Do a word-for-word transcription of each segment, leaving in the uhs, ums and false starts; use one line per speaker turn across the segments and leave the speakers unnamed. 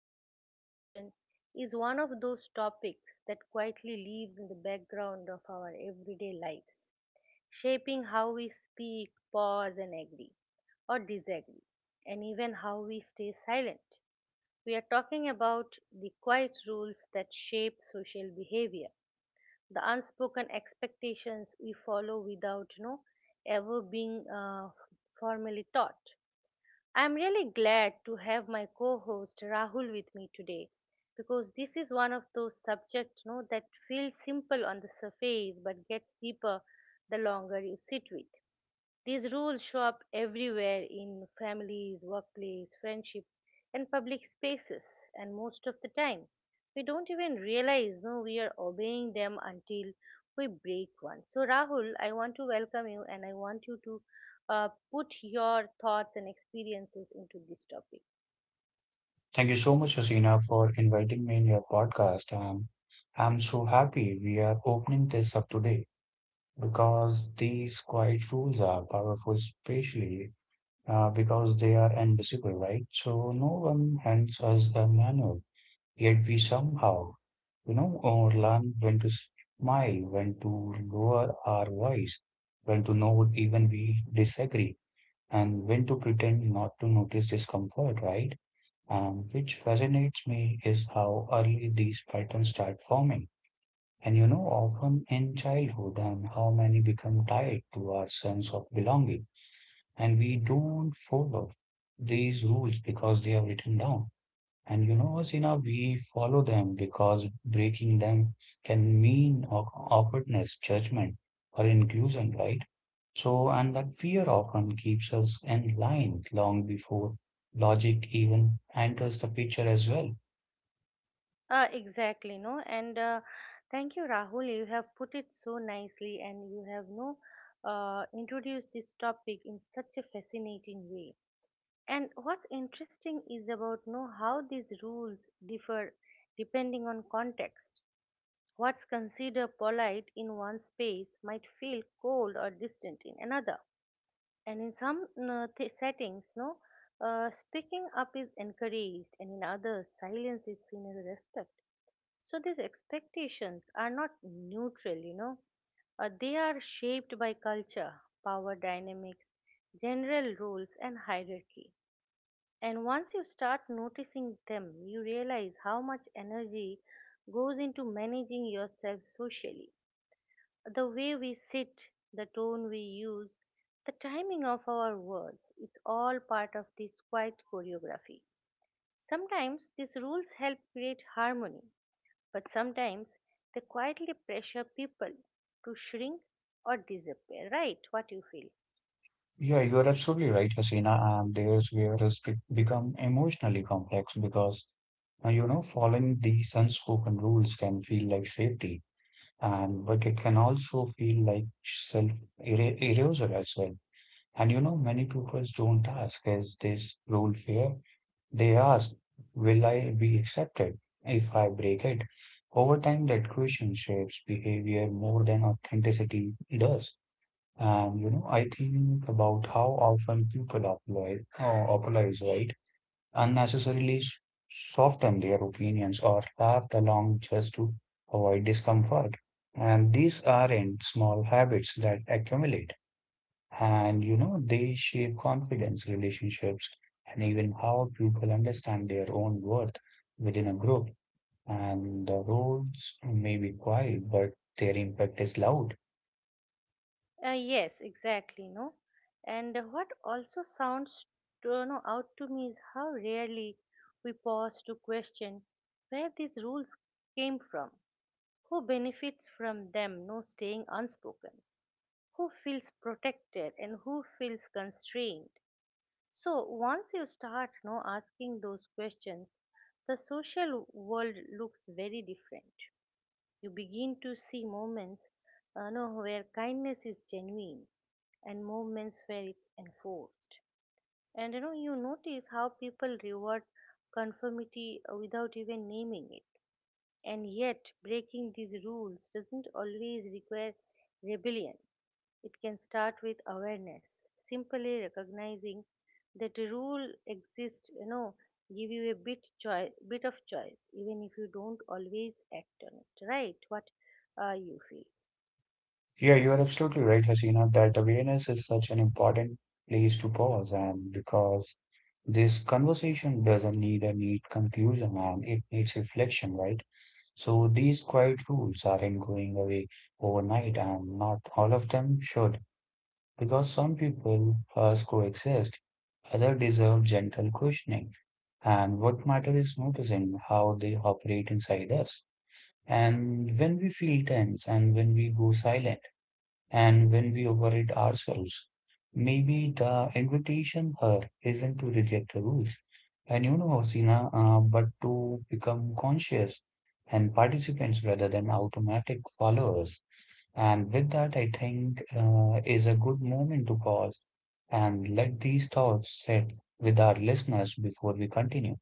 Today's conversation is one of those topics that quietly lives in the background of our everyday lives, shaping how we speak, pause, and agree or disagree, and even how we stay silent. We are talking about the quiet rules that shape social behavior, the unspoken expectations we follow without you know, ever being uh, formally taught. I'm really glad to have my co host Rahul with me today, because this is one of those subjects you know, that feels simple on the surface but gets deeper the longer you sit with. These rules show up everywhere in families, workplace, friendship, and public spaces, and most of the time, we don't even realize no we are obeying them until we break one. So Rahul, I want to welcome you, and I want you to uh, put your thoughts and experiences into this topic.
Thank you so much, Hasina, for inviting me in your podcast. Um, I'm so happy we are opening this up today because these quiet rules are powerful, especially uh, because they are invisible, right? So no one hands us a manual, yet we somehow, you know, or learn when to smile, when to lower our voice, when to know even we disagree, and when to pretend not to notice discomfort, right? And which fascinates me is how early these patterns start forming. And you know, often in childhood, and how many become tied to our sense of belonging. And we don't follow these rules because they are written down. And you know, Asina, we follow them because breaking them can mean aw- awkwardness, judgment, or inclusion, right? So, and that fear often keeps us in line long before logic even enters the picture as well.
Uh, exactly, no, and uh, thank you, Rahul. You have put it so nicely, and you have no uh, introduced this topic in such a fascinating way. And what's interesting is about know how these rules differ depending on context. What's considered polite in one space might feel cold or distant in another. And in some uh, th- settings, no, uh, speaking up is encouraged, and in others, silence is seen as a respect. So these expectations are not neutral, you know. Uh, they are shaped by culture, power dynamics, general rules, and hierarchy. And once you start noticing them, you realize how much energy goes into managing yourself socially. The way we sit, the tone we use, the timing of our words, it's all part of this quiet choreography. Sometimes these rules help create harmony, but sometimes they quietly pressure people to shrink or disappear, right? What you feel?
Yeah, you are absolutely right, Hasina. And there's where it's be- become emotionally complex because, uh, you know, following these unspoken rules can feel like safety, and but it can also feel like self-erasure as well. And you know, many people don't ask, is this rule fair? They ask, will I be accepted if I break it? Over time, that question shapes behavior more than authenticity does. And you know, I think about how often people applaud, uh, apologize, right? Unnecessarily s- soften their opinions or laugh along just to avoid discomfort. And these aren't small habits that accumulate. And you know, they shape confidence, relationships, and even how people understand their own worth within a group. And the roles may be quiet, but their impact is loud.
Uh, yes, exactly, no. And what also sounds to, no, out to me is how rarely we pause to question where these rules came from, who benefits from them, no staying unspoken, who feels protected and who feels constrained. So once you start no asking those questions, the social world looks very different. You begin to see moments uh, no, where kindness is genuine and moments where it's enforced. And you know, you notice how people reward conformity uh, without even naming it. And yet, breaking these rules doesn't always require rebellion. It can start with awareness, simply recognizing that a rule exists, you know, give you a bit choice, bit of choice, even if you don't always act on it, right? What uh, you feel.
Yeah, you are absolutely right, Hasina, that awareness is such an important place to pause, and because this conversation doesn't need a neat conclusion and it needs reflection, right? So these quiet rules aren't going away overnight, and not all of them should, because some people first coexist, others deserve gentle questioning. And what matters is noticing how they operate inside us. And when we feel tense and when we go silent, and when we overeat ourselves, maybe the invitation here isn't to reject the rules. And you know, Hasina, uh, but to become conscious and participants rather than automatic followers. And with that, I think uh, is a good moment to pause and let these thoughts sit with our listeners before we continue.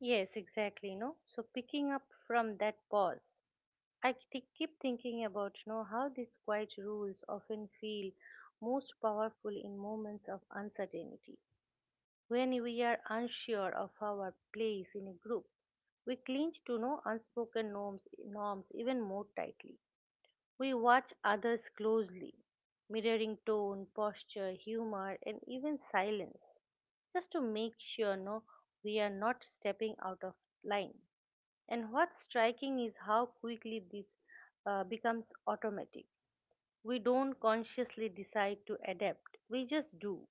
Yes, exactly, no. So picking up from that pause, I thi- keep thinking about, you know, how these quiet rules often feel most powerful in moments of uncertainty, when we are unsure of our place in a group. We cling to no unspoken norms, norms even more tightly. We watch others closely, mirroring tone, posture, humor, and even silence, just to make sure no, we are not stepping out of line. And what's striking is how quickly this uh, becomes automatic. We don't consciously decide to adapt, we just do.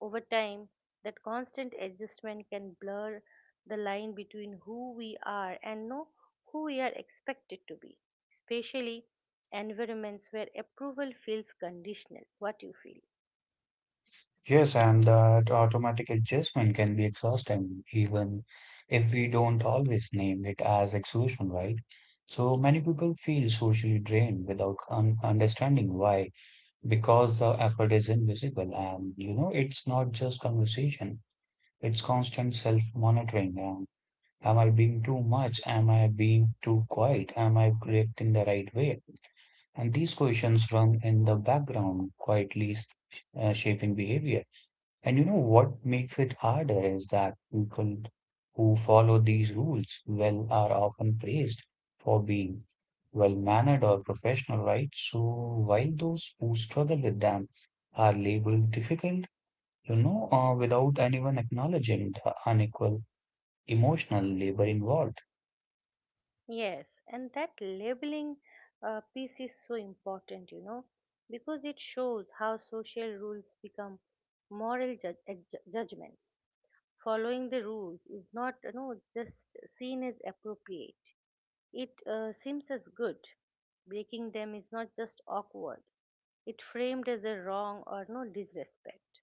Over time, that constant adjustment can blur the line between who we are and know who we are expected to be, especially environments where approval feels conditional, what you feel.
Yes, and that automatic adjustment can be exhausting, even if we don't always name it as exhaustion, right? So many people feel socially drained without un understanding why, because the effort is invisible and you know it's not just conversation, it's constant self-monitoring. Um, am I being too much? Am I being too quiet? Am I reacting the right way? And these questions run in the background, quietly uh, shaping behavior. And you know what makes it harder is that people who follow these rules well are often praised for being well mannered or professional, right? So while those who struggle with them are labeled difficult, you know, uh, without anyone acknowledging the unequal emotional labor involved.
Yes, and that labeling uh, piece is so important, you know, because it shows how social rules become moral judge, judgments. Following the rules is not, you know, just seen as appropriate. It uh, seems as good. Breaking them is not just awkward, it framed as a wrong or no disrespect.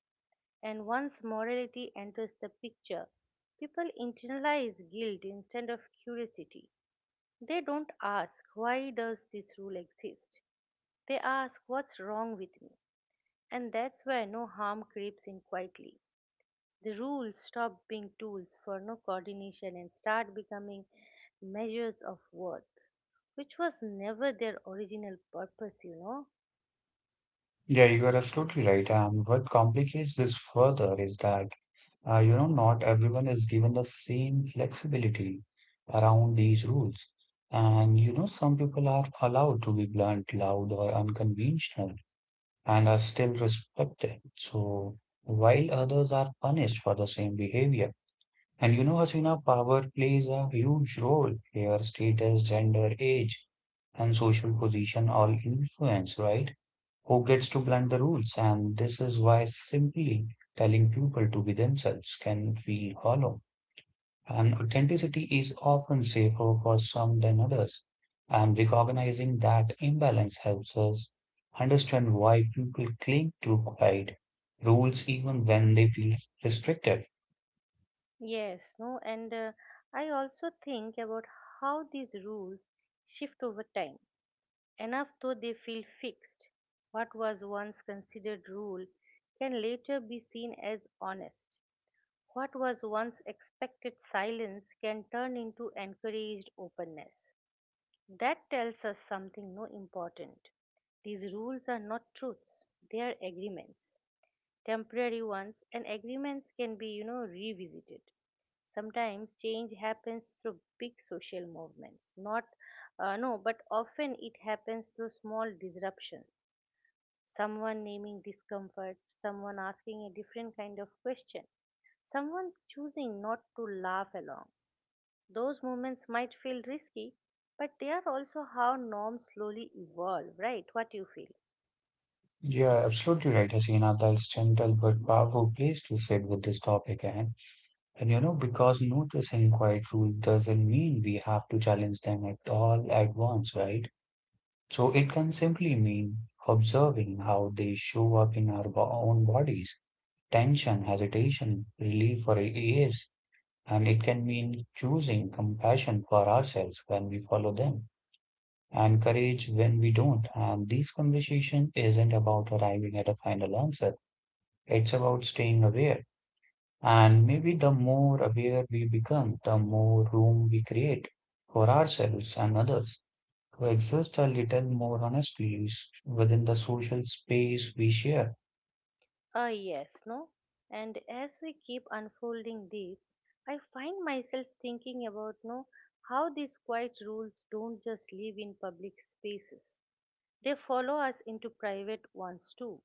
And once morality enters the picture, people internalize guilt instead of curiosity. They don't ask, why does this rule exist? They ask, what's wrong with me? And that's where no harm creeps in quietly. The rules stop being tools for no coordination and start becoming measures of worth, Which was never their original purpose. You know.
Yeah, you are absolutely right. And what complicates this further is that, uh, you know, not everyone is given the same flexibility around these rules. And, you know, some people are allowed to be blunt, loud, or unconventional and are still respected. So, while others are punished for the same behavior. And, you know, Hasina, power plays a huge role here, status, gender, age, and social position all influence, right? Who gets to blunt the rules, and this is why simply telling people to be themselves can feel hollow. And authenticity is often safer for some than others. And recognizing that imbalance helps us understand why people cling to guide rules even when they feel restrictive.
Yes, no, and uh, I also think about how these rules shift over time, enough though they feel fixed. What was once considered rule can later be seen as honest. What was once expected silence can turn into encouraged openness. That tells us something no important. These rules are not truths, they are agreements, temporary ones. And agreements can be you know revisited. Sometimes change happens through big social movements, not uh, no, but often it happens through small disruptions. Someone naming discomfort, someone asking a different kind of question, someone choosing not to laugh along, those moments might feel risky, but they are also how norms slowly evolve, right? What you feel?
Yeah, absolutely right, Hasina. That's gentle but powerful place to sit with this topic. And And you know, because noticing quiet rules doesn't mean we have to challenge them at all at once, right? So it can simply mean observing how they show up in our bo- own bodies, tension, hesitation, relief, or ease. And it can mean choosing compassion for ourselves when we follow them and courage when we don't. And this conversation isn't about arriving at a final answer, it's about staying aware and maybe the more aware we become, the more room we create for ourselves and others to exist a little more honestly s- within the social space we share.
Uh, yes, no? And as we keep unfolding this, I find myself thinking about no how these quiet rules don't just live in public spaces. They follow us into private ones too,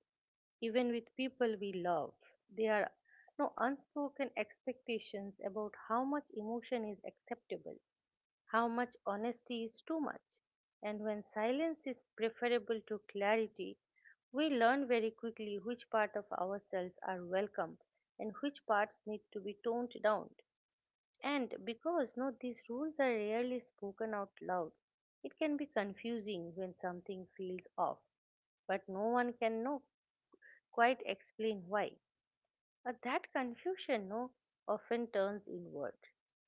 even with people we love. There are no unspoken expectations about how much emotion is acceptable, how much honesty is too much, and when silence is preferable to clarity. We learn very quickly which part of ourselves are welcome and which parts need to be toned down. And because no, these rules are rarely spoken out loud, it can be confusing when something feels off, but no one can know quite explain why. But that confusion no, often turns inward,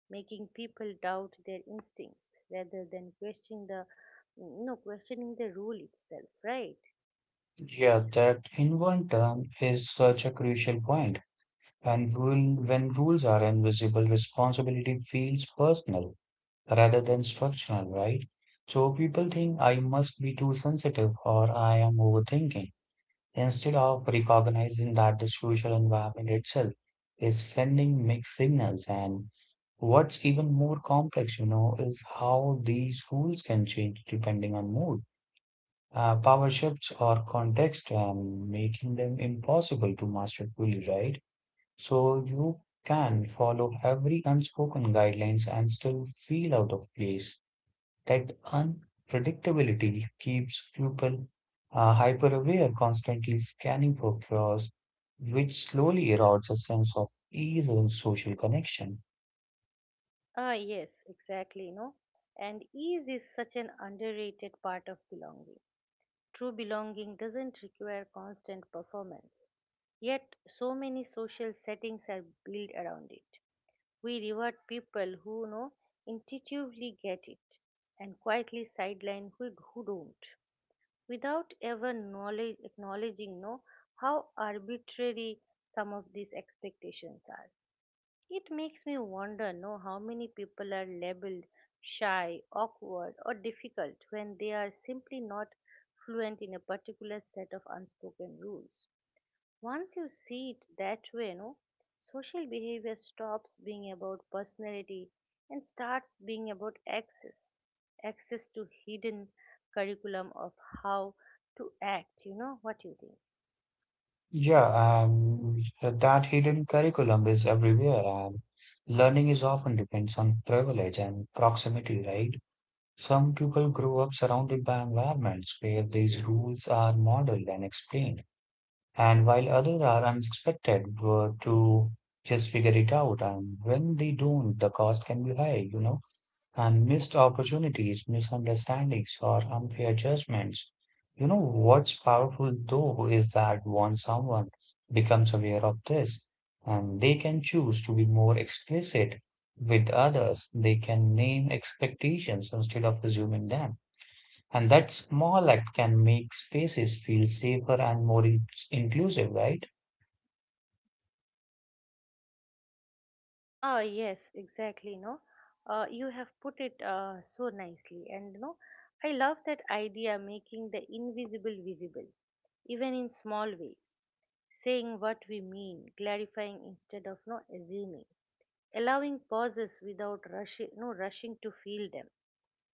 making people doubt their instincts rather than questioning the no questioning the rule itself, right?
Yeah, that in one turn is such a crucial point. And rule, when rules are invisible, responsibility feels personal rather than structural, right? So people think I must be too sensitive or I am overthinking, instead of recognizing that the social environment itself is sending mixed signals. And what's even more complex, you know, is how these rules can change depending on mood, uh, power shifts, or context, and making them impossible to master fully, right? So you can follow every unspoken guidelines and still feel out of place. That unpredictability keeps people uh, hyper-aware, constantly scanning for cures, which slowly erodes a sense of ease and social connection.
Ah yes, exactly, no. And ease is such an underrated part of belonging. True belonging doesn't require constant performance. Yet so many social settings are built around it. We reward people who know intuitively get it, and quietly sideline who, who don't, without ever knowledge, acknowledging no, how arbitrary some of these expectations are. It makes me wonder no, how many people are labeled shy, awkward, or difficult when they are simply not fluent in a particular set of unspoken rules. Once you see it that way, no, social behavior stops being about personality and starts being about access. Access to hidden curriculum of how to act, you know, what you think.
Yeah, um, that hidden curriculum is everywhere, and learning is often depends on privilege and proximity, right? Some people grow up surrounded by environments where these rules are modeled and explained. And while others are unexpected uh, to just figure it out, and when they don't, the cost can be high, you know, and missed opportunities, misunderstandings, or unfair judgments. You know, what's powerful though is that once someone becomes aware of this, and they can choose to be more explicit with others, they can name expectations instead of assuming them. And that small act can make spaces feel safer and more in- inclusive, right?
Ah, yes, exactly, no. Uh, you have put it uh, so nicely, and no, I love that idea, making the invisible visible, even in small ways, saying what we mean, clarifying instead of no assuming, allowing pauses without rushing no rushing to feel them.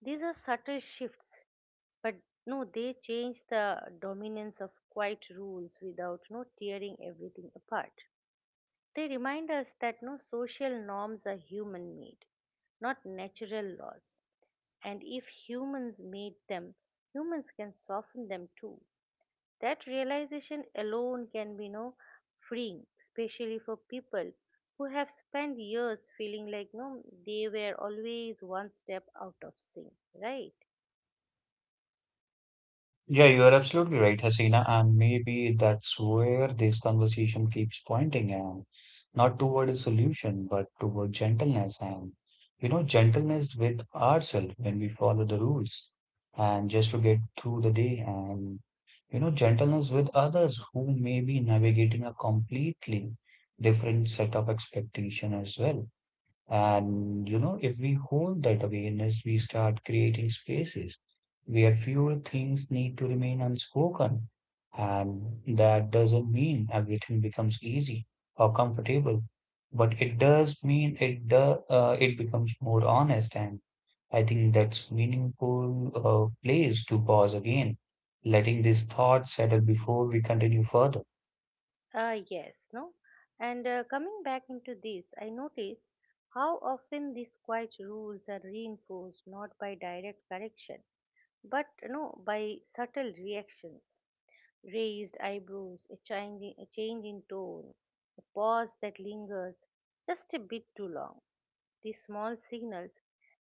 These are subtle shifts, but no they change the dominance of quiet rules without no tearing everything apart. They remind us that no social norms are human made, not natural laws. And if humans made them, humans can soften them too. That realization alone can be no freeing, especially for people who have spent years feeling like no they were always one step out of sync, right?
Yeah, you are absolutely right, Hasina. And maybe that's where this conversation keeps pointing and not toward a solution, but toward gentleness and, you know, gentleness with ourselves when we follow the rules and just to get through the day and, you know, gentleness with others who may be navigating a completely different set of expectation as well. And you know, if we hold that awareness, we start creating spaces where fewer things need to remain unspoken. And that doesn't mean everything becomes easy or comfortable, but it does mean it do, uh, it becomes more honest. And I think that's meaningful uh, place to pause again, letting this thought settle before we continue further.
Uh, yes, no. And uh, coming back into this, I notice how often these quiet rules are reinforced not by direct correction, but no by subtle reactions, raised eyebrows, a change in, a change in tone, a pause that lingers just a bit too long. These small signals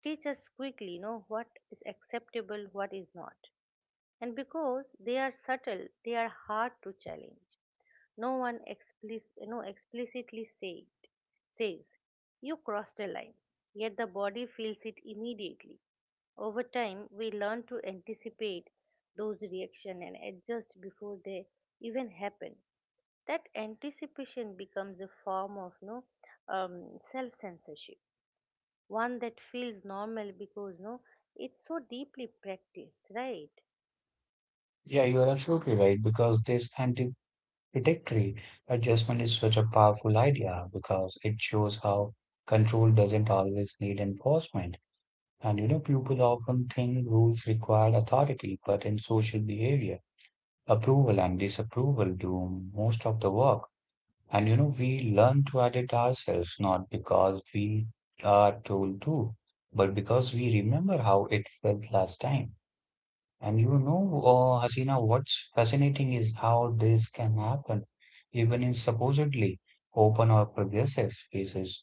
teach us quickly you know what is acceptable, what is not. And because they are subtle, they are hard to challenge. No one explicit, no explicitly say says, you crossed a line, yet the body feels it immediately. Over time, we learn to anticipate those reactions and adjust before they even happen. That anticipation becomes a form of no um, self censorship, one that feels normal because no it's so deeply practiced, right?
Yeah, you are absolutely right because this anti Predatory adjustment is such a powerful idea because it shows how control doesn't always need enforcement. And you know, people often think rules require authority, but in social behavior, approval and disapproval do most of the work. And you know, we learn to edit ourselves not because we are told to, but because we remember how it felt last time. And you know, uh, Hasina, what's fascinating is how this can happen, even in supposedly open or progressive spaces.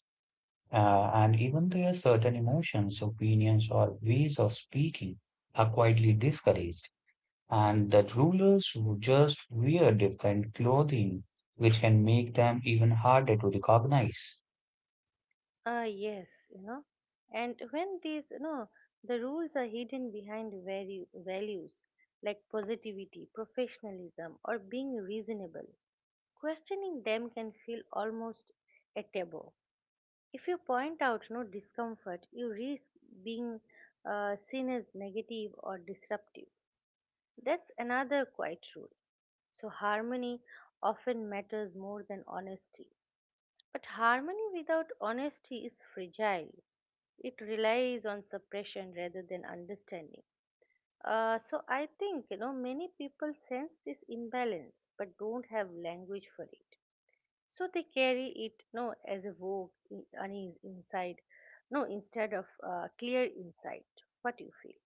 Uh, and even there, certain emotions, opinions, or ways of speaking are quietly discouraged. And that rulers who just wear different clothing, which can make them even harder to recognize.
Ah, yes, you know and when these you know the rules are hidden behind value values like positivity, professionalism, or being reasonable, questioning them can feel almost a taboo. If you point out no discomfort, you risk being uh, seen as negative or disruptive. That's another quiet rule. So, harmony often matters more than honesty. But harmony without honesty is fragile. It relies on suppression rather than understanding. Uh, so, I think you know many people sense this imbalance but don't have language for it. So they carry it no as a vogue, i- unease inside, no instead of uh, clear insight. What do you feel?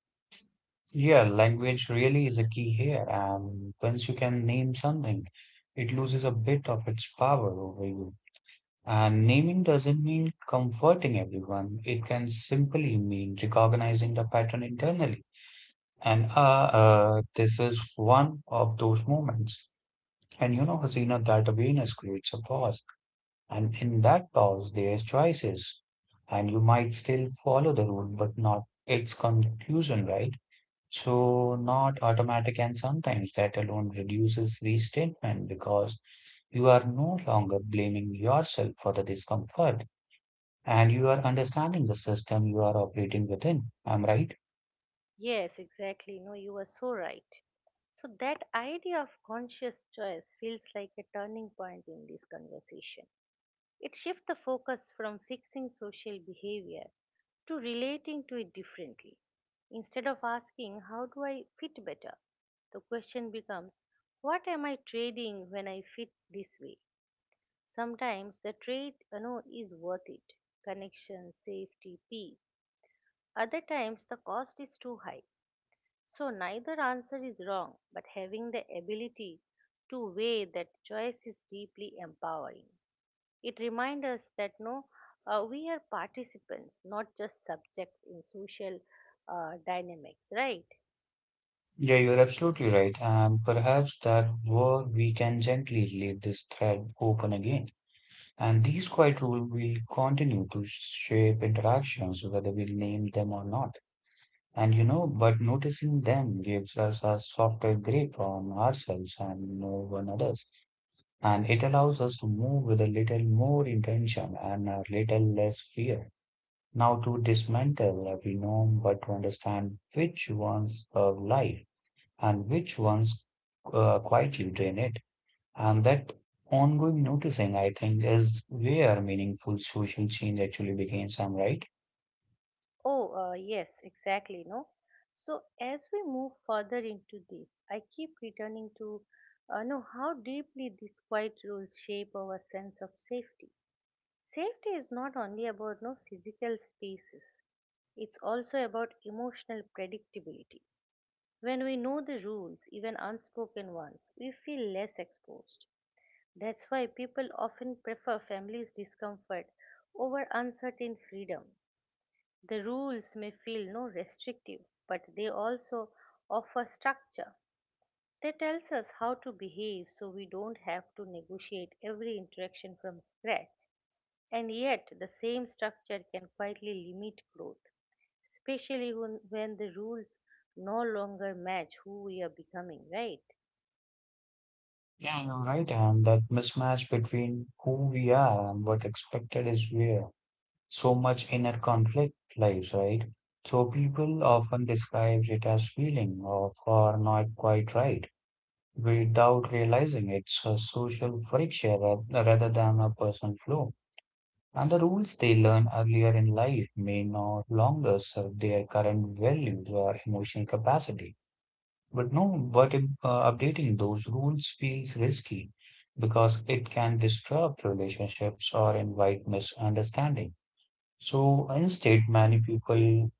Yeah, language really is a key here. And once you can name something, it loses a bit of its power over you. And naming doesn't mean comforting everyone. It can simply mean recognizing the pattern internally. And uh, uh, this is one of those moments. And you know, Hasina, that awareness creates a pause. And in that pause, there's choices. And you might still follow the rule, but not its conclusion, right? So, not automatic. And sometimes that alone reduces resentment because you are no longer blaming yourself for the discomfort and you are understanding the system you are operating within. I'm right?
Yes, exactly. No, you are so right. So, that idea of conscious choice feels like a turning point in this conversation. It shifts the focus from fixing social behavior to relating to it differently. Instead of asking, how do I fit better? The question becomes, what am I trading when I fit this way? Sometimes the trade you know, is worth it, connection, safety, peace. Other times the cost is too high, so neither answer is wrong, but having the ability to weigh that choice is deeply empowering. It reminds us that no, uh, we are participants, not just subjects in social uh, dynamics, right?
Yeah, you're absolutely right. And perhaps that where we can gently leave this thread open again. And these quiet rules will continue to shape interactions, whether we name them or not. And you know, but noticing them gives us a softer grip on ourselves and on others. And it allows us to move with a little more intention and a little less fear. Now to dismantle every norm, but to understand which ones serve life and which ones uh, quietly drain it. And that ongoing noticing, I think, is where meaningful social change actually begins. I'm right.
Oh, uh, yes, exactly, no. So as we move further into this, I keep returning to uh, no how deeply these quiet rules shape our sense of safety. Safety is not only about no physical spaces. It's also about emotional predictability. When we know the rules, even unspoken ones, we feel less exposed. That's why people often prefer families' discomfort over uncertain freedom. The rules may feel no restrictive, but they also offer structure. They tells us how to behave so we don't have to negotiate every interaction from scratch. And yet, the same structure can quietly limit growth, especially when, when the rules no longer match who we are becoming, right?
Yeah, you're right. And that mismatch between who we are and what expected is where so much inner conflict lies, right? So people often describe it as feeling of or not quite right, without realizing it's a social friction ra- rather than a personal flaw. And the rules they learn earlier in life may no longer serve their current values or emotional capacity. But no, but if, uh, updating those rules feels risky because it can disrupt relationships or invite misunderstanding. So instead, many people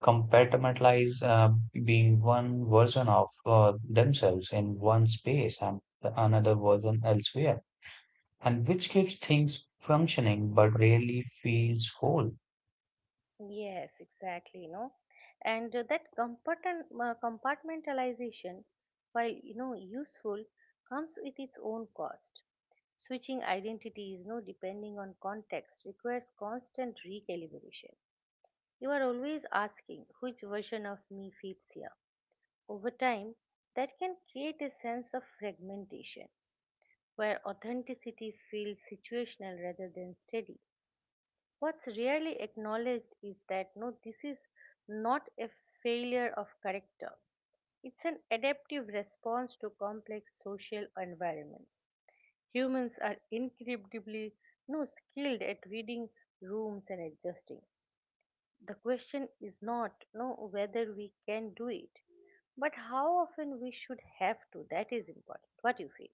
compartmentalize uh, being one version of uh, themselves in one space and another version elsewhere, and which keeps things functioning but really feels whole.
Yes, exactly, you know. And uh, that compartment, uh, compartmentalization, while you know useful, comes with its own cost. Switching identities, you know, depending on context, requires constant recalibration. You are always asking which version of me fits here. Over time, that can create a sense of fragmentation where authenticity feels situational rather than steady. What's rarely acknowledged is that no, this is not a failure of character, it's an adaptive response to complex social environments. Humans are incredibly no skilled at reading rooms and adjusting. The question is not no whether we can do it, but how often we should have to. That is important. What do you feel?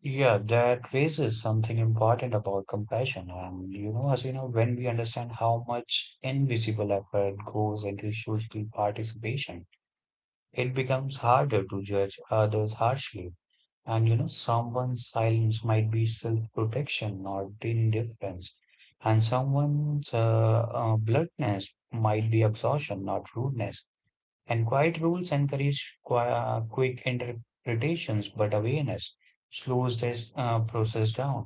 Yeah, that raises something important about compassion. And you know, as you know, when we understand how much invisible effort goes into social participation, it becomes harder to judge others harshly. And you know, someone's silence might be self-protection or indifference, and someone's uh, uh, bluntness might be absorption, not rudeness. And quiet rules encourage qui- uh, quick interpretations, but awareness slows this uh, process down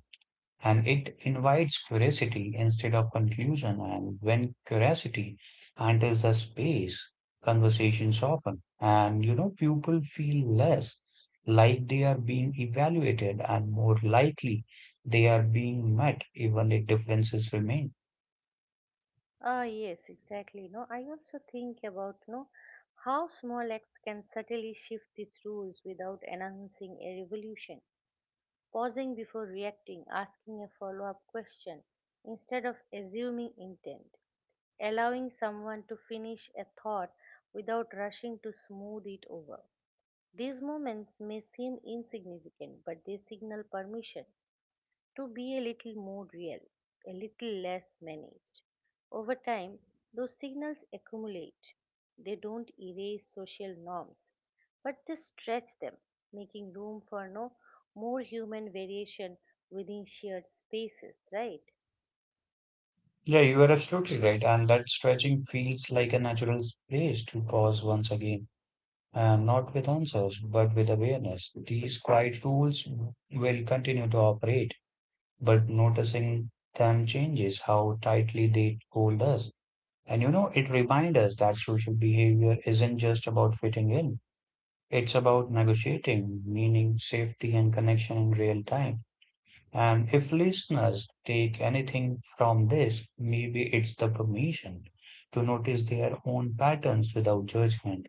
and it invites curiosity instead of conclusion. And when curiosity enters the space, conversations often, and you know, people feel less like they are being evaluated and more likely they are being met, even if differences remain.
Ah, yes, exactly. No, I also think about no how small acts can subtly shift these rules without announcing a revolution. Pausing before reacting, asking a follow-up question instead of assuming intent, allowing someone to finish a thought without rushing to smooth it over. These moments may seem insignificant, but they signal permission to be a little more real, a little less managed. Over time, those signals accumulate. They don't erase social norms, but they stretch them, making room for no more human variation within shared spaces, right?
Yeah, you are absolutely right. And that stretching feels like a natural place to pause once again. And not with answers, but with awareness. These quiet rules will continue to operate but noticing them changes how tightly they hold us. And you know, it reminds us that social behavior isn't just about fitting in, it's about negotiating meaning, safety, and connection in real time. And if listeners take anything from this, maybe it's the permission to notice their own patterns without judgment.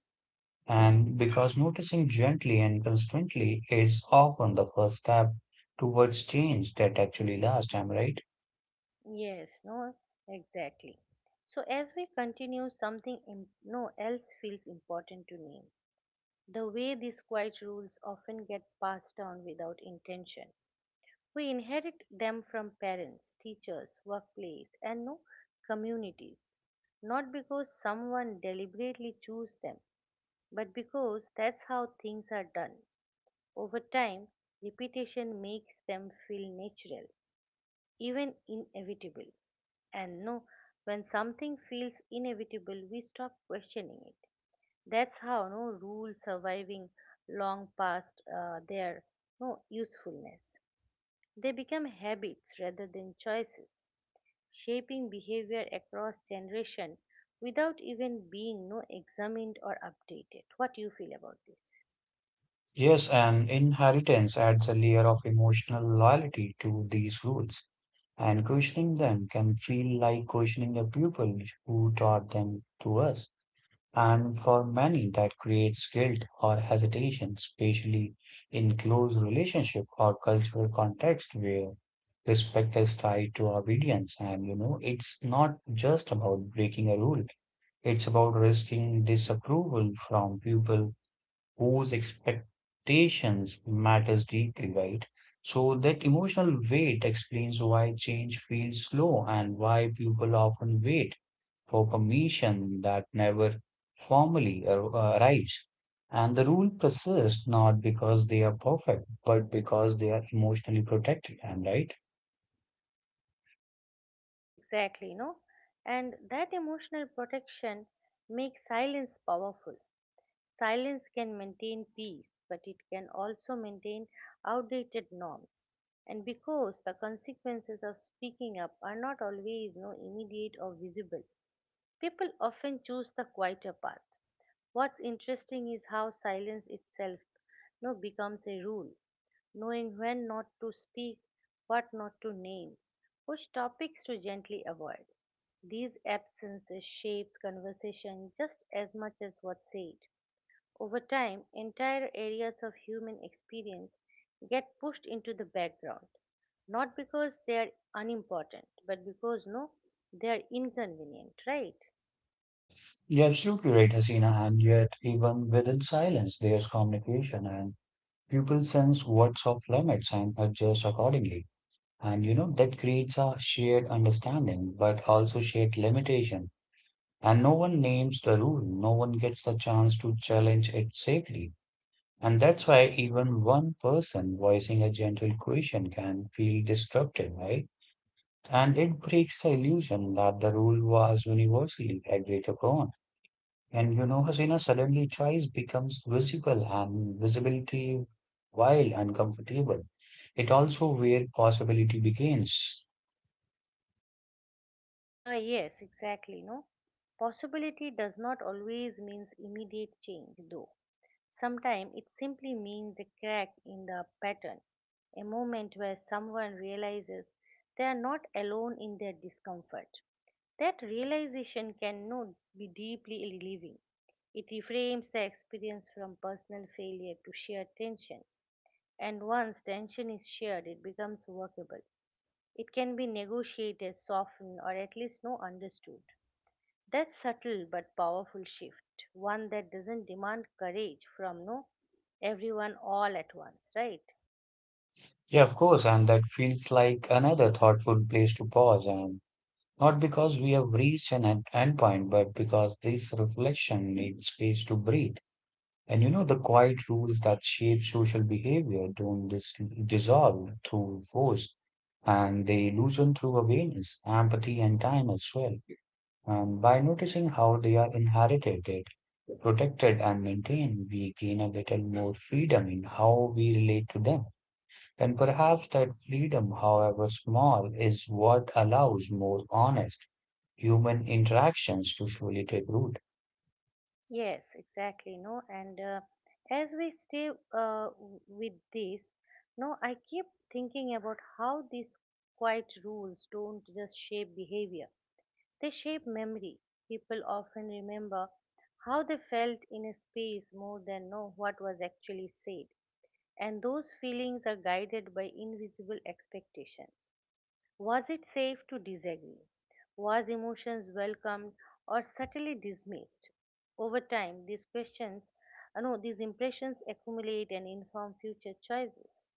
And because noticing gently and constantly is often the first step towards change that actually lasts, am I right?
Yes, no, exactly. So as we continue, something im- no else feels important to name: the way these quiet rules often get passed down without intention. We inherit them from parents, teachers, workplace, and no communities. Not because someone deliberately chose them, but because that's how things are done. Over time, repetition makes them feel natural, even inevitable. And no, when something feels inevitable, we stop questioning it. That's how no rule surviving long past uh, their no usefulness. They become habits rather than choices, shaping behavior across generation without even being no examined or updated. What do you feel about this?
Yes, and inheritance adds a layer of emotional loyalty to these rules, and questioning them can feel like questioning the people who taught them to us. And for many, that creates guilt or hesitation, especially in close relationship or cultural context where respect is tied to obedience. And you know, it's not just about breaking a rule; it's about risking disapproval from people whose expectations matters deeply, right? So that emotional weight explains why change feels slow and why people often wait for permission that never formally ar- uh, arrives. And the rule persists not because they are perfect, but because they are emotionally protected. And right?
Yes, exactly, no. And that emotional protection makes silence powerful. Silence can maintain peace, but it can also maintain outdated norms. And because the consequences of speaking up are not always no immediate or visible, people often choose the quieter path. What's interesting is how silence itself no becomes a rule: knowing when not to speak, what not to name, which topics to gently avoid. These absences shapes conversation just as much as what's said. Over time, entire areas of human experience get pushed into the background, not because they are unimportant, but because no, they are inconvenient, right?
You're absolutely right, Hasina. And yet, even within silence, there's communication, and people sense what's off limits and adjust accordingly. And you know, that creates a shared understanding, but also shared limitation. And no one names the rule, no one gets the chance to challenge it safely. And that's why even one person voicing a gentle question can feel disruptive, right? And it breaks the illusion that the rule was universally agreed upon. And you know, Hasina, suddenly choice becomes visible and visibility, while uncomfortable, it also where possibility begins.
Uh, yes, exactly. No, possibility does not always means immediate change, though. Sometimes it simply means a crack in the pattern, a moment where someone realizes they are not alone in their discomfort. That realization cannot be deeply relieving. It reframes the experience from personal failure to shared tension, and once tension is shared, it becomes workable. It can be negotiated, softened, or at least no understood. That subtle but powerful shift, one that doesn't demand courage from no everyone all at once, right?
Yeah, of course, and that feels like another thoughtful place to pause, and not because we have reached an end endpoint, but because this reflection needs space to breathe. And you know, the quiet rules that shape social behavior don't dis dissolve through force, and they loosen through awareness, empathy, and time as well. And by noticing how they are inherited, protected, and maintained, we gain a little more freedom in how we relate to them. And perhaps that freedom, however small, is what allows more honest human interactions to slowly take root.
Yes, exactly. No, and uh, as we stay uh, w- with this, no, I keep thinking about how these quiet rules don't just shape behavior, they shape memory. People often remember how they felt in a space more than know what was actually said, and those feelings are guided by invisible expectations. Was it safe to disagree? Was emotions welcomed or subtly dismissed? Over time, these questions, uh, no, these impressions accumulate and inform future choices.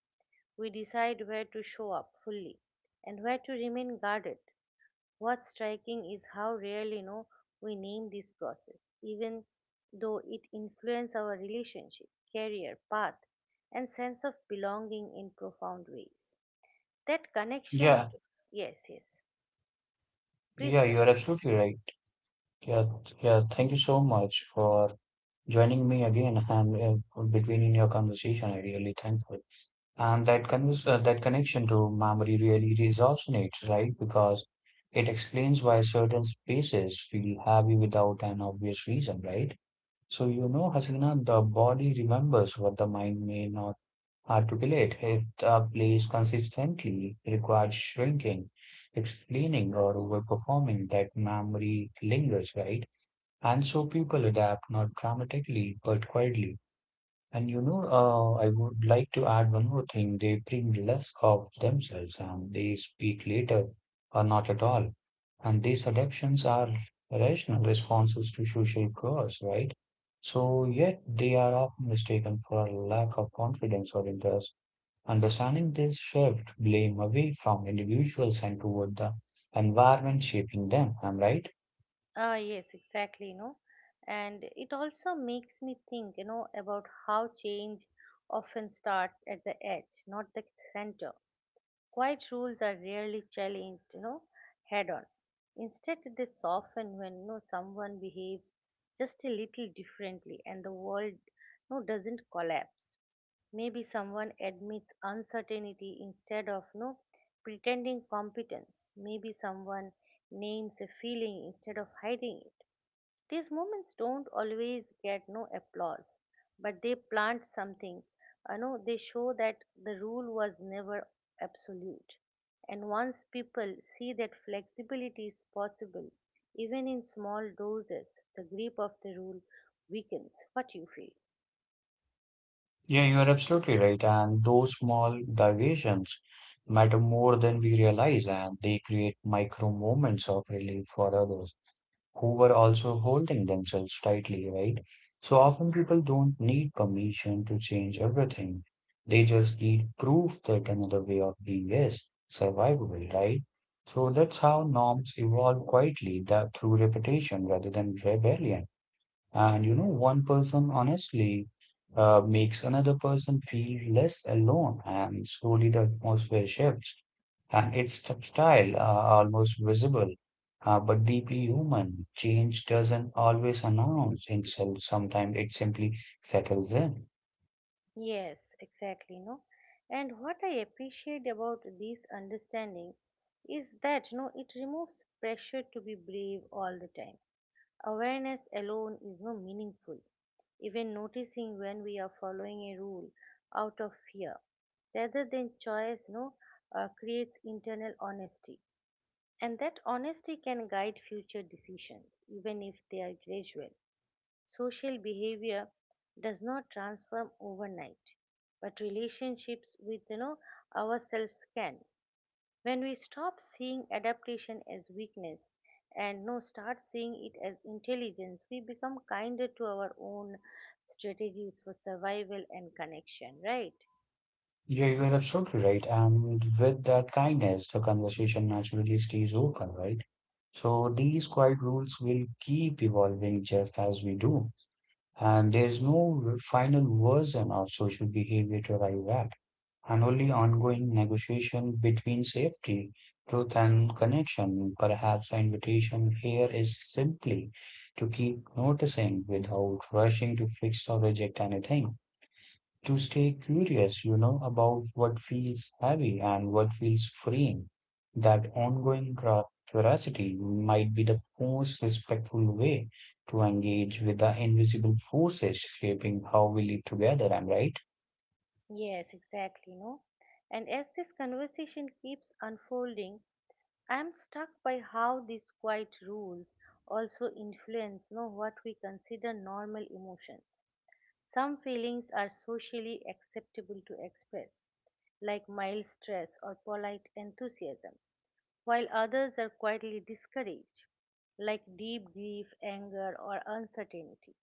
We decide where to show up fully and where to remain guarded. What's striking is how rarely, no, we name this process, even though it influences our relationship, career, path, and sense of belonging in profound ways. That connection,
Yeah,
yes, yes. Please
yeah,
go
you're
ahead.
absolutely right. Yeah, yeah, thank you so much for joining me again and uh, between in your conversation. I really thankful. And that con uh, that connection to memory really resonates, right? Because it explains why certain spaces feel heavy without an obvious reason, right? So, you know, Hasina, the body remembers what the mind may not articulate if the place consistently requires shrinking, explaining, or overperforming that memory lingers, right? And so people adapt not dramatically but quietly. And you know, uh, I would like to add one more thing. They bring less of themselves and they speak later or not at all. And these adaptations are rational responses to social cues, right? So, yet they are often mistaken for lack of confidence or interest. Understanding this shift blame away from individuals and toward the environment shaping them. Am I right?
Ah, yes, exactly, you know. And it also makes me think, you know, about how change often starts at the edge, not the center. Quiet rules are rarely challenged, you know, head on. Instead, they soften when you know, someone behaves just a little differently and the world, you know, doesn't collapse. Maybe someone admits uncertainty instead of you know, pretending competence. Maybe someone names a feeling instead of hiding it. These moments don't always get no applause, but they plant something. You know, they show that the rule was never absolute. And once people see that flexibility is possible, even in small doses, the grip of the rule weakens. What you feel?
Yeah, you are absolutely right. And those small diversions matter more than we realize, and they create micro moments of relief for others who were also holding themselves tightly, right? So often people don't need permission to change everything. They just need proof that another way of being is survivable, right? So that's how norms evolve quietly that through repetition rather than rebellion. And you know, one person honestly uh, makes another person feel less alone, and slowly the atmosphere shifts. And it's tactile, uh, almost visible, uh, but deeply human. Change doesn't always announce itself, sometimes it simply settles in.
Yes, exactly. No, and what I appreciate about this understanding is that no, it removes pressure to be brave all the time. Awareness alone is no meaningful. Even noticing when we are following a rule out of fear rather than choice no uh, creates internal honesty, and that honesty can guide future decisions even if they are gradual. Social behavior does not transform overnight, but relationships with, you know, ourselves can, when we stop seeing adaptation as weakness and no start seeing it as intelligence, we become kinder to our own strategies for survival and connection, right?
Yeah, you are absolutely right. And with that kindness, the conversation naturally stays open, right? So these quiet rules will keep evolving just as we do. And there's no final version of social behavior to arrive at, and only ongoing negotiation between safety, truth, and connection. Perhaps the invitation here is simply to keep noticing without rushing to fix or reject anything to stay curious, you know, about what feels heavy and what feels freeing. That ongoing cra- curiosity might be the most respectful way to engage with the invisible forces shaping how we live together. I'm right.
Yes, exactly, no? And as this conversation keeps unfolding, I am struck by how these quiet rules also influence no, what we consider normal emotions. Some feelings are socially acceptable to express, like mild stress or polite enthusiasm, while others are quietly discouraged, like deep grief, anger, or uncertainty.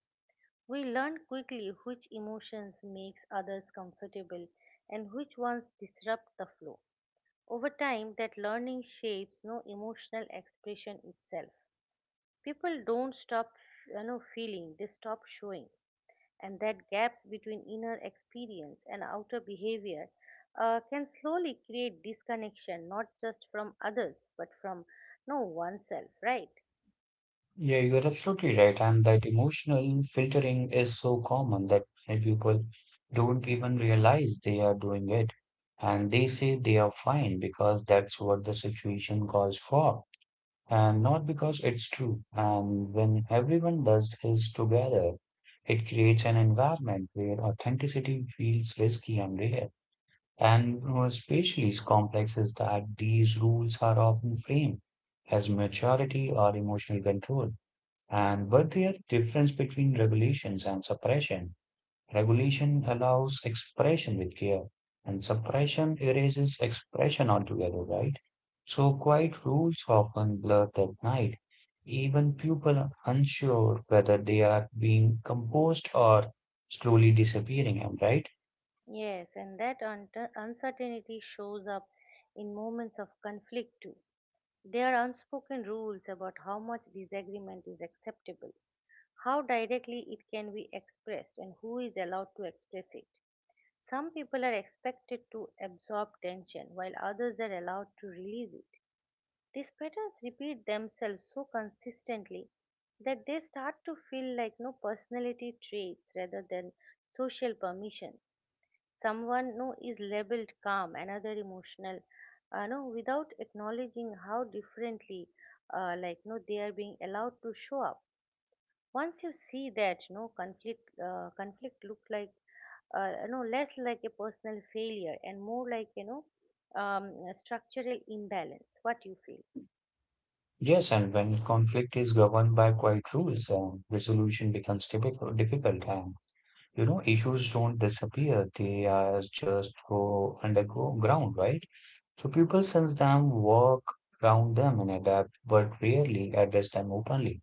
We learn quickly which emotions makes others comfortable and which ones disrupt the flow. Over time, that learning shapes no emotional expression itself. People don't stop, you know, feeling; they stop showing, and that gaps between inner experience and outer behavior uh, can slowly create disconnection not just from others but from no oneself, right?
Yeah, you're absolutely right. And that emotional filtering is so common that many people don't even realize they are doing it. And they say they are fine because that's what the situation calls for and not because it's true. And when everyone does his together, it creates an environment where authenticity feels risky and rare. And especially complex is that these rules are often framed as maturity or emotional control. And but there are difference between regulations and suppression. Regulation allows expression with care, and suppression erases expression altogether, right? So quiet rules often blur that night. Even people are unsure whether they are being composed or slowly disappearing, am I right?
Yes, and that unter uncertainty shows up in moments of conflict too. There are unspoken rules about how much disagreement is acceptable, how directly it can be expressed, and who is allowed to express it. Some people are expected to absorb tension while others are allowed to release it. These patterns repeat themselves so consistently that they start to feel like no personality traits rather than social permission. Someone no is labeled calm, another emotional, uh, no without acknowledging how differently, uh, like no they are being allowed to show up. Once you see that, no conflict uh, conflict look like uh, no less like a personal failure and more like, you know, um, a structural imbalance. What you feel?
Yes, and when conflict is governed by quiet rules, um, resolution becomes difficult, difficult, and you know issues don't disappear; they are just go underground, right? So people sense them, work around them, and adapt, but rarely address them openly.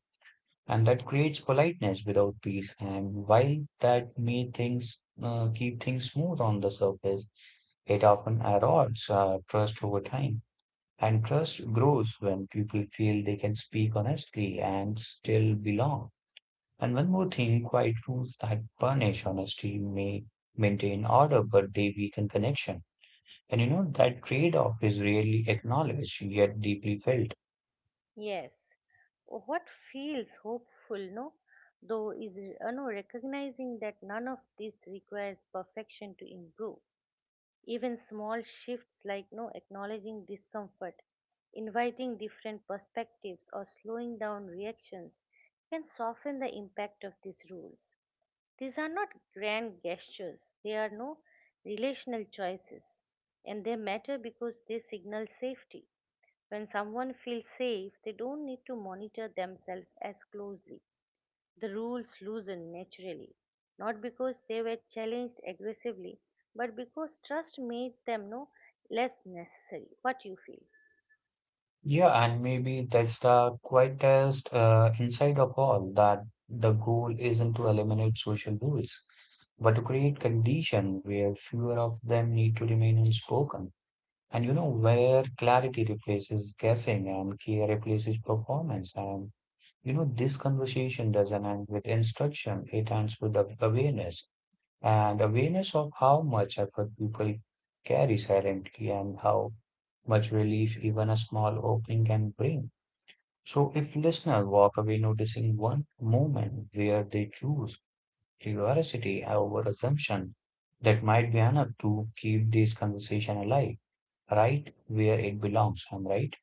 And that creates politeness without peace. And while that may things uh, keep things smooth on the surface, it often erodes uh, trust over time. And trust grows when people feel they can speak honestly and still belong. And one more thing, quiet rules that punish honesty may maintain order, but they weaken connection. And you know, that trade-off is rarely acknowledged yet deeply felt.
Yes, what feels hopeful, no, though, is uh, no, recognizing that none of this requires perfection to improve. Even small shifts like no acknowledging discomfort, inviting different perspectives, or slowing down reactions can soften the impact of these rules. These are not grand gestures, they are no relational choices, and they matter because they signal safety. When someone feels safe, they don't need to monitor themselves as closely. The rules loosen naturally, not because they were challenged aggressively, but because trust made them no less necessary. What you feel?
Yeah, and maybe that's the quietest uh, insight of all that the goal isn't to eliminate social rules, but to create conditions where fewer of them need to remain unspoken. And you know, where clarity replaces guessing and care replaces performance. And you know, this conversation doesn't end with instruction, it ends with a- awareness, and awareness of how much effort people carry silently and how much relief even a small opening can bring. So if listeners walk away noticing one moment where they choose curiosity over assumption, that might be enough to keep this conversation alive, right where it belongs. I'm right.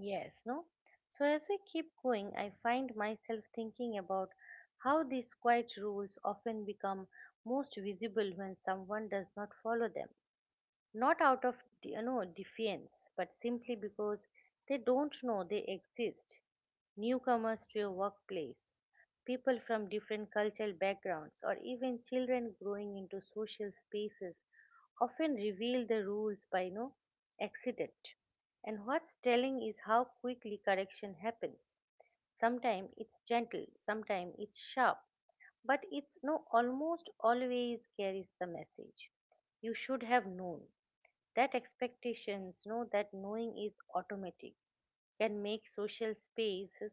Yes, no? So, as we keep going, I find myself thinking about how these quiet rules often become most visible when someone does not follow them. Not out of, you know, defiance, but simply because they don't know they exist. Newcomers to your workplace, people from different cultural backgrounds, or even children growing into social spaces often reveal the rules by no accident. And what's telling is how quickly correction happens. Sometimes it's gentle, sometimes it's sharp, but it's no almost always carries the message, you should have known. That expectations know that knowing is automatic can make social spaces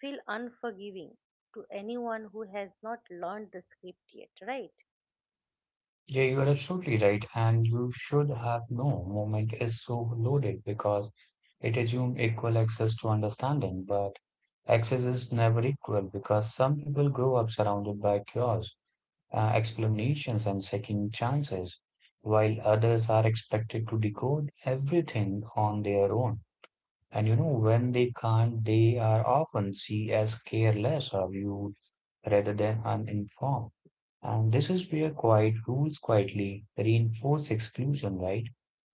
feel unforgiving to anyone who has not learned the script yet, right?
Yeah, you are absolutely right. And you should have no movement is so loaded because it assumes equal access to understanding, but access is never equal because some people grow up surrounded by cures, uh, explanations, and second chances, while others are expected to decode everything on their own. And you know, when they can't, they are often seen as careless or rude rather than uninformed. And this is where quiet rules quietly reinforce exclusion, right?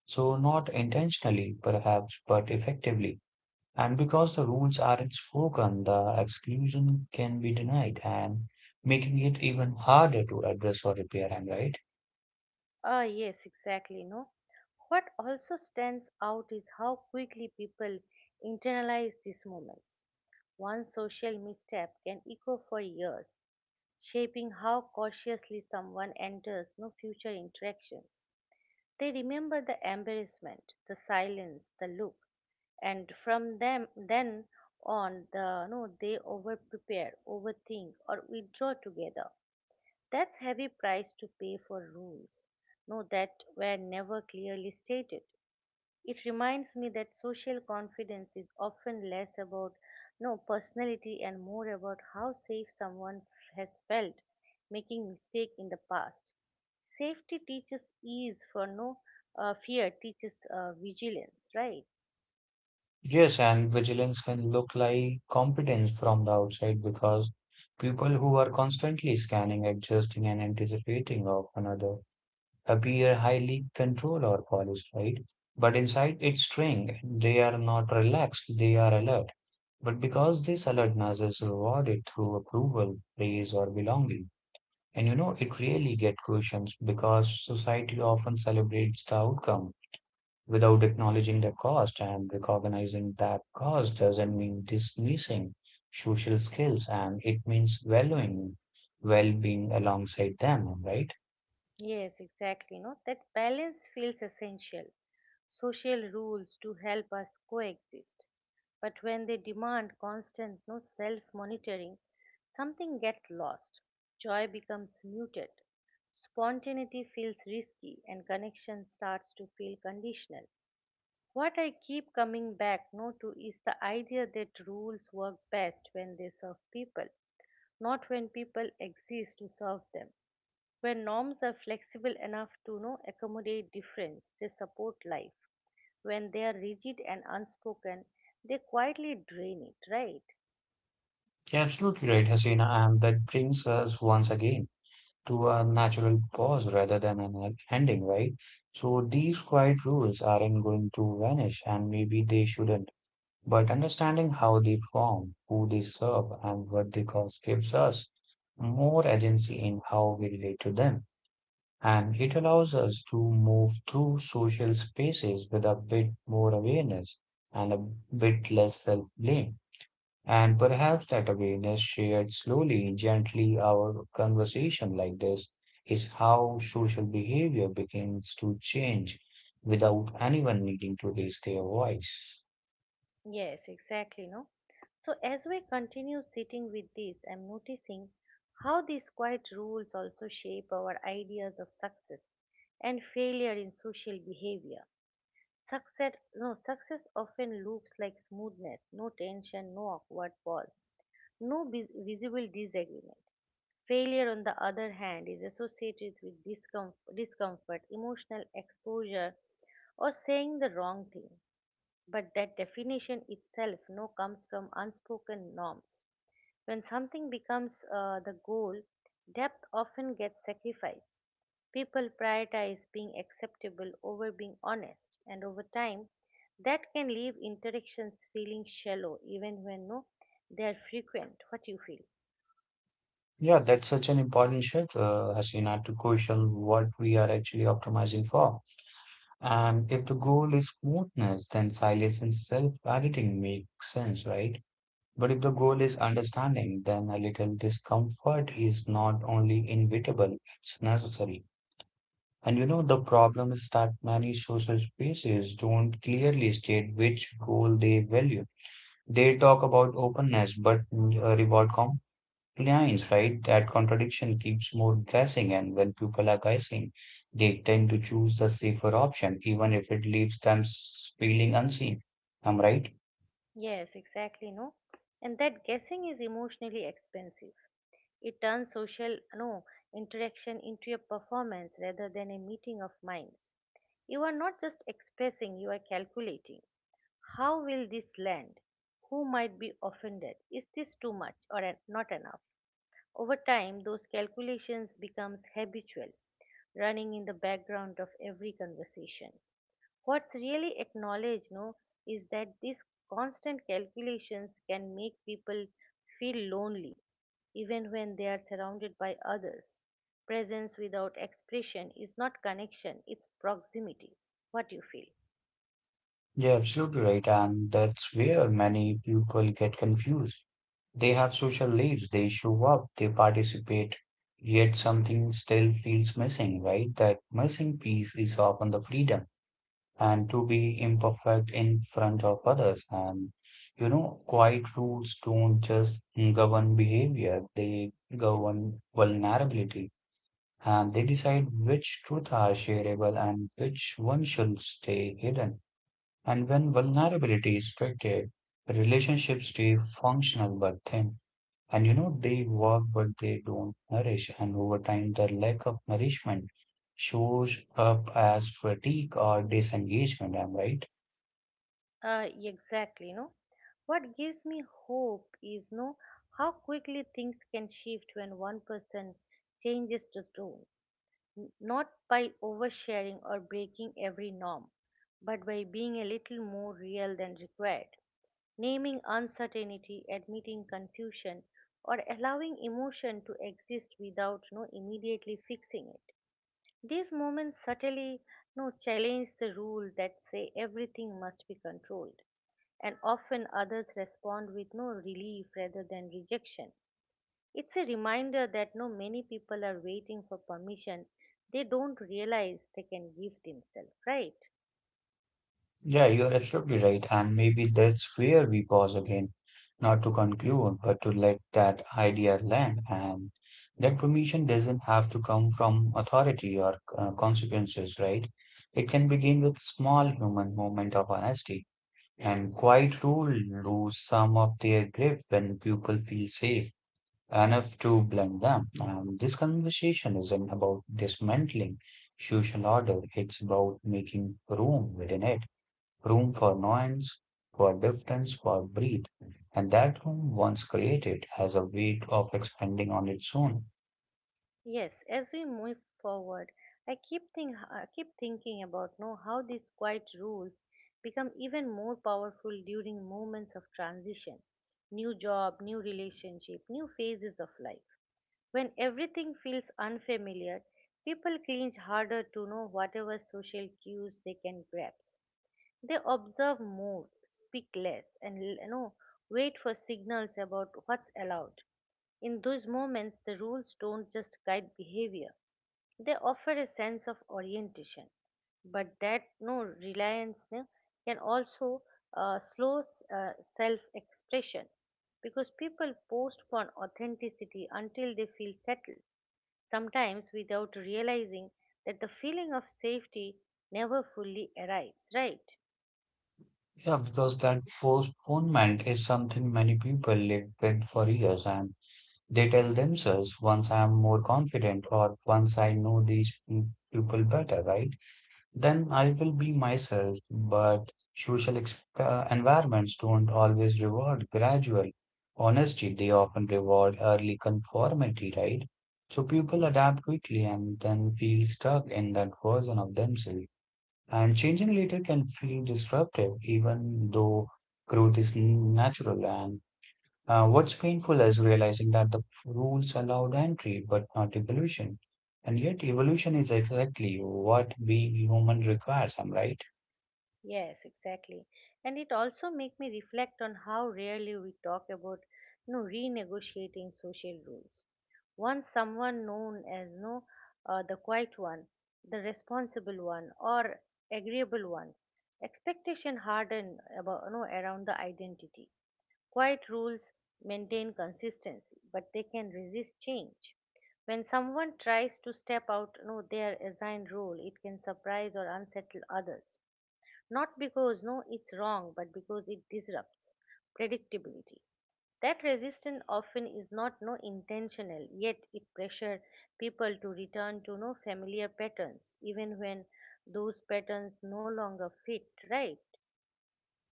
So, not intentionally, perhaps, but effectively. And because the rules aren't spoken, the exclusion can be denied and making it even harder to address or repair, am I right?
Ah, yes, exactly. No, what also stands out is how quickly people internalize these moments. One social misstep can echo for years, shaping how cautiously someone enters no future interactions. They remember the embarrassment, the silence, the look, and from them then on, the no, they over prepare, overthink, or withdraw together. That's heavy price to pay for rules. No, that were never clearly stated. It reminds me that social confidence is often less about no personality and more about how safe someone has felt making mistake in the past. Safety teaches ease, for no uh, fear teaches uh, vigilance, right?
Yes, and vigilance can look like competence from the outside because people who are constantly scanning, adjusting, and anticipating of another appear highly controlled or polished, right? But inside it's string, they are not relaxed, they are alert. But because this alertness is rewarded through approval, praise, or belonging, and you know, it really gets questions because society often celebrates the outcome without acknowledging the cost and recognizing that cost doesn't mean dismissing social skills and it means valuing well-being alongside them, right?
Yes, exactly. No, that balance feels essential. Social rules to help us coexist, but when they demand constant no self-monitoring, something gets lost. Joy becomes muted. Spontaneity feels risky, and connection starts to feel conditional. What I keep coming back no to is the idea that rules work best when they serve people not when people exist to serve them. When norms are flexible enough to know accommodate difference, they support life. When they are rigid and unspoken, they quietly drain it, right?
Absolutely right, Hasina, and that brings us once again to a natural pause rather than an e-, ending, right? So these quiet rules aren't going to vanish, and maybe they shouldn't. But understanding how they form, who they serve, and what they cause gives us more agency in how we relate to them. And it allows us to move through social spaces with a bit more awareness and a bit less self blame. And perhaps that awareness shared slowly, gently, our conversation like this is how social behavior begins to change without anyone needing to raise their voice.
Yes, exactly, no? So as we continue sitting with this, I'm noticing how these quiet rules also shape our ideas of success and failure in social behavior. Success no success often looks like smoothness, no tension, no awkward pause. No vis- Visible disagreement. Failure, on the other hand, is associated with discom- discomfort, emotional exposure, or saying the wrong thing. But that definition itself no comes from unspoken norms. When something becomes uh, the goal, depth often gets sacrificed. People prioritize being acceptable over being honest, and over time, that can leave interactions feeling shallow, even when no, they are frequent. What you feel?
Yeah, that's such an important shift, uh, Hasina, to question what we are actually optimizing for. And if the goal is smoothness, then silence and self-editing make sense, right? But if the goal is understanding, then a little discomfort is not only inevitable, it's necessary. And you know, the problem is that many social spaces don't clearly state which goal they value. They talk about openness but mm, uh, reward compliance, right? That contradiction keeps more guessing, and when people are guessing, they tend to choose the safer option, even if it leaves them s- feeling unseen. I'm right?
Yes, exactly, no. And that guessing is emotionally expensive. It turns social no interaction into a performance rather than a meeting of minds. You are not just expressing, you are calculating. How will this land? Who might be offended? Is this too much or en- not enough? Over time, those calculations becomes habitual, running in the background of every conversation. What's really acknowledged no, is that these constant calculations can make people feel lonely, even when they are surrounded by others. Presence without expression is not connection, it's proximity. What you feel.
Yeah, absolutely right. And that's where many people get confused. They have social lives, they show up, they participate, yet something still feels missing, right? That missing piece is often the freedom and to be imperfect in front of others. And you know, quiet rules don't just govern behavior, they govern vulnerability. And they decide which truth are shareable and which one should stay hidden. And when vulnerability is treated, relationships stay functional but thin. And you know, they work, but they don't nourish. And over time, the lack of nourishment shows up as fatigue or disengagement. I'm right.
Uh, exactly, no? What gives me hope is no how quickly things can shift when one person changes the tone. N- not by oversharing or breaking every norm, but by being a little more real than required. Naming uncertainty, admitting confusion, or allowing emotion to exist without no immediately fixing it. These moments subtly no challenge the rule that say everything must be controlled, and often others respond with no relief rather than rejection. It's a reminder that no many people are waiting for permission they don't realize they can give themselves, right?
Yeah, you're absolutely right. And maybe that's where we pause again, not to conclude, but to let that idea land. And that permission doesn't have to come from authority or uh, consequences, right? It can begin with small human moment of honesty. And quiet rule lose some of their grip when people feel safe enough to blend them. And this conversation isn't about dismantling social order, it's about making room within it, room for nuance, for difference, for breed. And that room, once created, has a weight of expanding on its own.
Yes, as we move forward, I keep think I keep thinking about know how these quiet rules become even more powerful during moments of transition, new job, new relationship, new phases of life. When everything feels unfamiliar, people cling harder to know whatever social cues they can grasp. They observe more, speak less, and you know, wait for signals about what's allowed. In those moments, the rules don't just guide behavior; they offer a sense of orientation. But that no reliance no, can also uh, slow uh, self-expression because people postpone authenticity until they feel settled, sometimes without realizing that the feeling of safety never fully arrives, right?
Yeah, because that postponement is something many people live with for years, and they tell themselves, once I am more confident or once I know these pe- people better, right? Then I will be myself. But social ex- uh, environments don't always reward gradual honesty. They often reward early conformity, right? So people adapt quickly and then feel stuck in that version of themselves. And changing later can feel disruptive, even though growth is natural. And uh, what's painful is realizing that the rules allowed entry but not evolution. And yet, evolution is exactly what being human requires, am I right?
Yes, exactly. And it also make me reflect on how rarely we talk about you know, renegotiating social rules. Once someone known as you know, uh, the quiet one, the responsible one, or agreeable one, expectation harden about you know, around the identity. Quiet rules maintain consistency, but they can resist change. When someone tries to step out you know, their assigned role, it can surprise or unsettle others not because no, it's wrong, but because it disrupts predictability. That resistance often is not no intentional, yet it pressures people to return to no familiar patterns, even when those patterns no longer fit, right?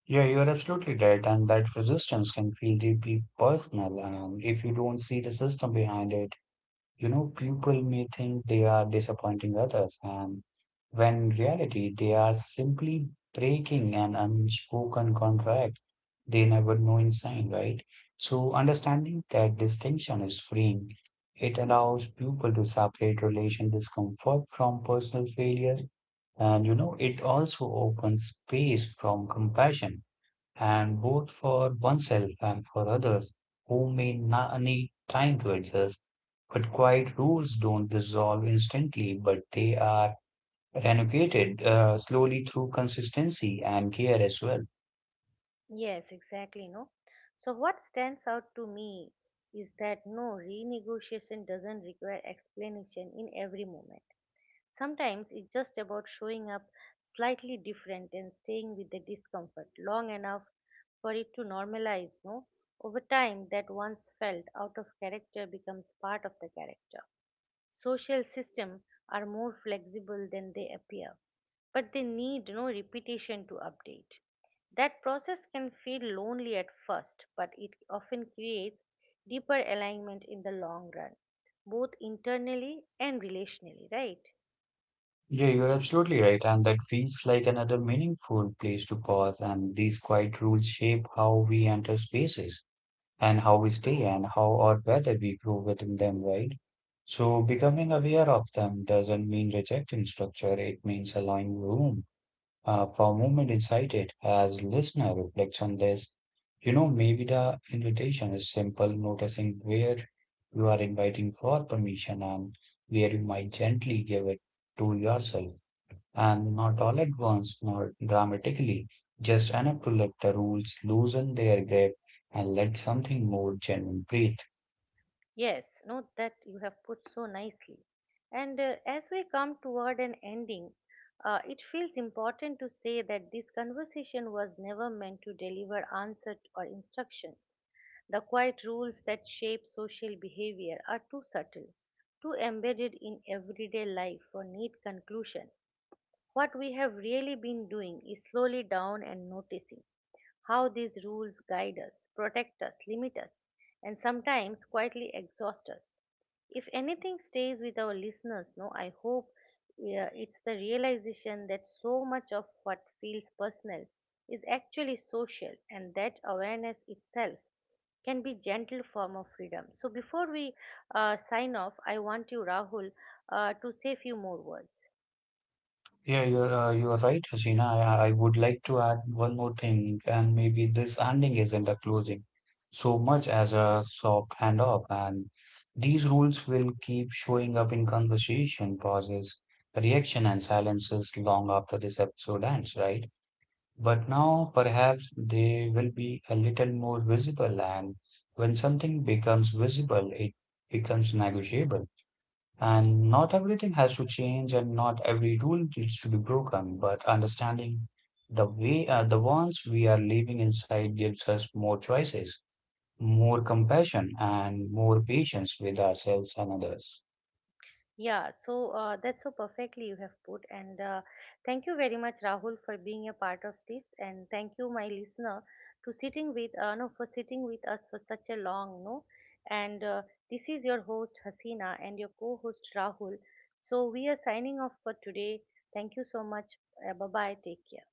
Yeah, you're absolutely right. And that resistance can feel deeply personal um, if you don't see the system behind it. You know, people may think they are disappointing others, and when in reality, they are simply breaking an unspoken contract they never know in sign, right? So, understanding that distinction is freeing. It allows people to separate relation discomfort from personal failure, and you know, it also opens space from compassion and both for oneself and for others who may na- need time to adjust. But quiet rules don't dissolve instantly, but they are renovated uh, slowly through consistency and care as well.
Yes, exactly, no. So what stands out to me is that no renegotiation doesn't require explanation in every moment. Sometimes it's just about showing up slightly different and staying with the discomfort long enough for it to normalize, no? Over time, that once felt out of character becomes part of the character. Social systems are more flexible than they appear, but they need no repetition to update. That process can feel lonely at first, but it often creates deeper alignment in the long run, both internally and relationally, right?
Yeah, you're absolutely right. And that feels like another meaningful place to pause. And these quiet rules shape how we enter spaces and how we stay and how or whether we grow within them, right? So becoming aware of them doesn't mean rejecting structure, it means allowing room uh, for movement inside it. As listener reflects on this, you know, maybe the invitation is simple, noticing where you are inviting for permission and where you might gently give it to yourself and not all at once, nor dramatically, just enough to let the rules loosen their grip and let something more genuine breathe.
Yes, no, that you have put so nicely. And uh, as we come toward an ending, uh, it feels important to say that this conversation was never meant to deliver answer or instructions. The quiet rules that shape social behavior are too subtle, too embedded in everyday life for neat conclusion. What we have really been doing is slowly down and noticing how these rules guide us, protect us, limit us, and sometimes quietly exhaust us if anything stays with our listeners no I hope yeah, it's the realization that so much of what feels personal is actually social and that awareness itself can be gentle form of freedom so before we uh, sign off I want you rahul uh, to say few more words.
Yeah, you're uh, you're right, Hasina. I, I would like to add one more thing, and maybe this ending isn't a closing so much as a soft handoff, and these rules will keep showing up in conversation, pauses, reaction, and silences long after this episode ends, right? But now perhaps they will be a little more visible, and when something becomes visible, it becomes negotiable. And not everything has to change, and not every rule needs to be broken, but understanding the way uh, the ones we are living inside gives us more choices, more compassion, and more patience with ourselves and others.
Yeah, so uh, that's so perfectly you have put. And uh, thank you very much, Rahul, for being a part of this. And thank you, my listener, to sitting with uh, no for sitting with us for such a long no. And uh, this is your host Hasina and your co-host Rahul. So we are signing off for today. Thank you so much. Uh, bye bye. Take care.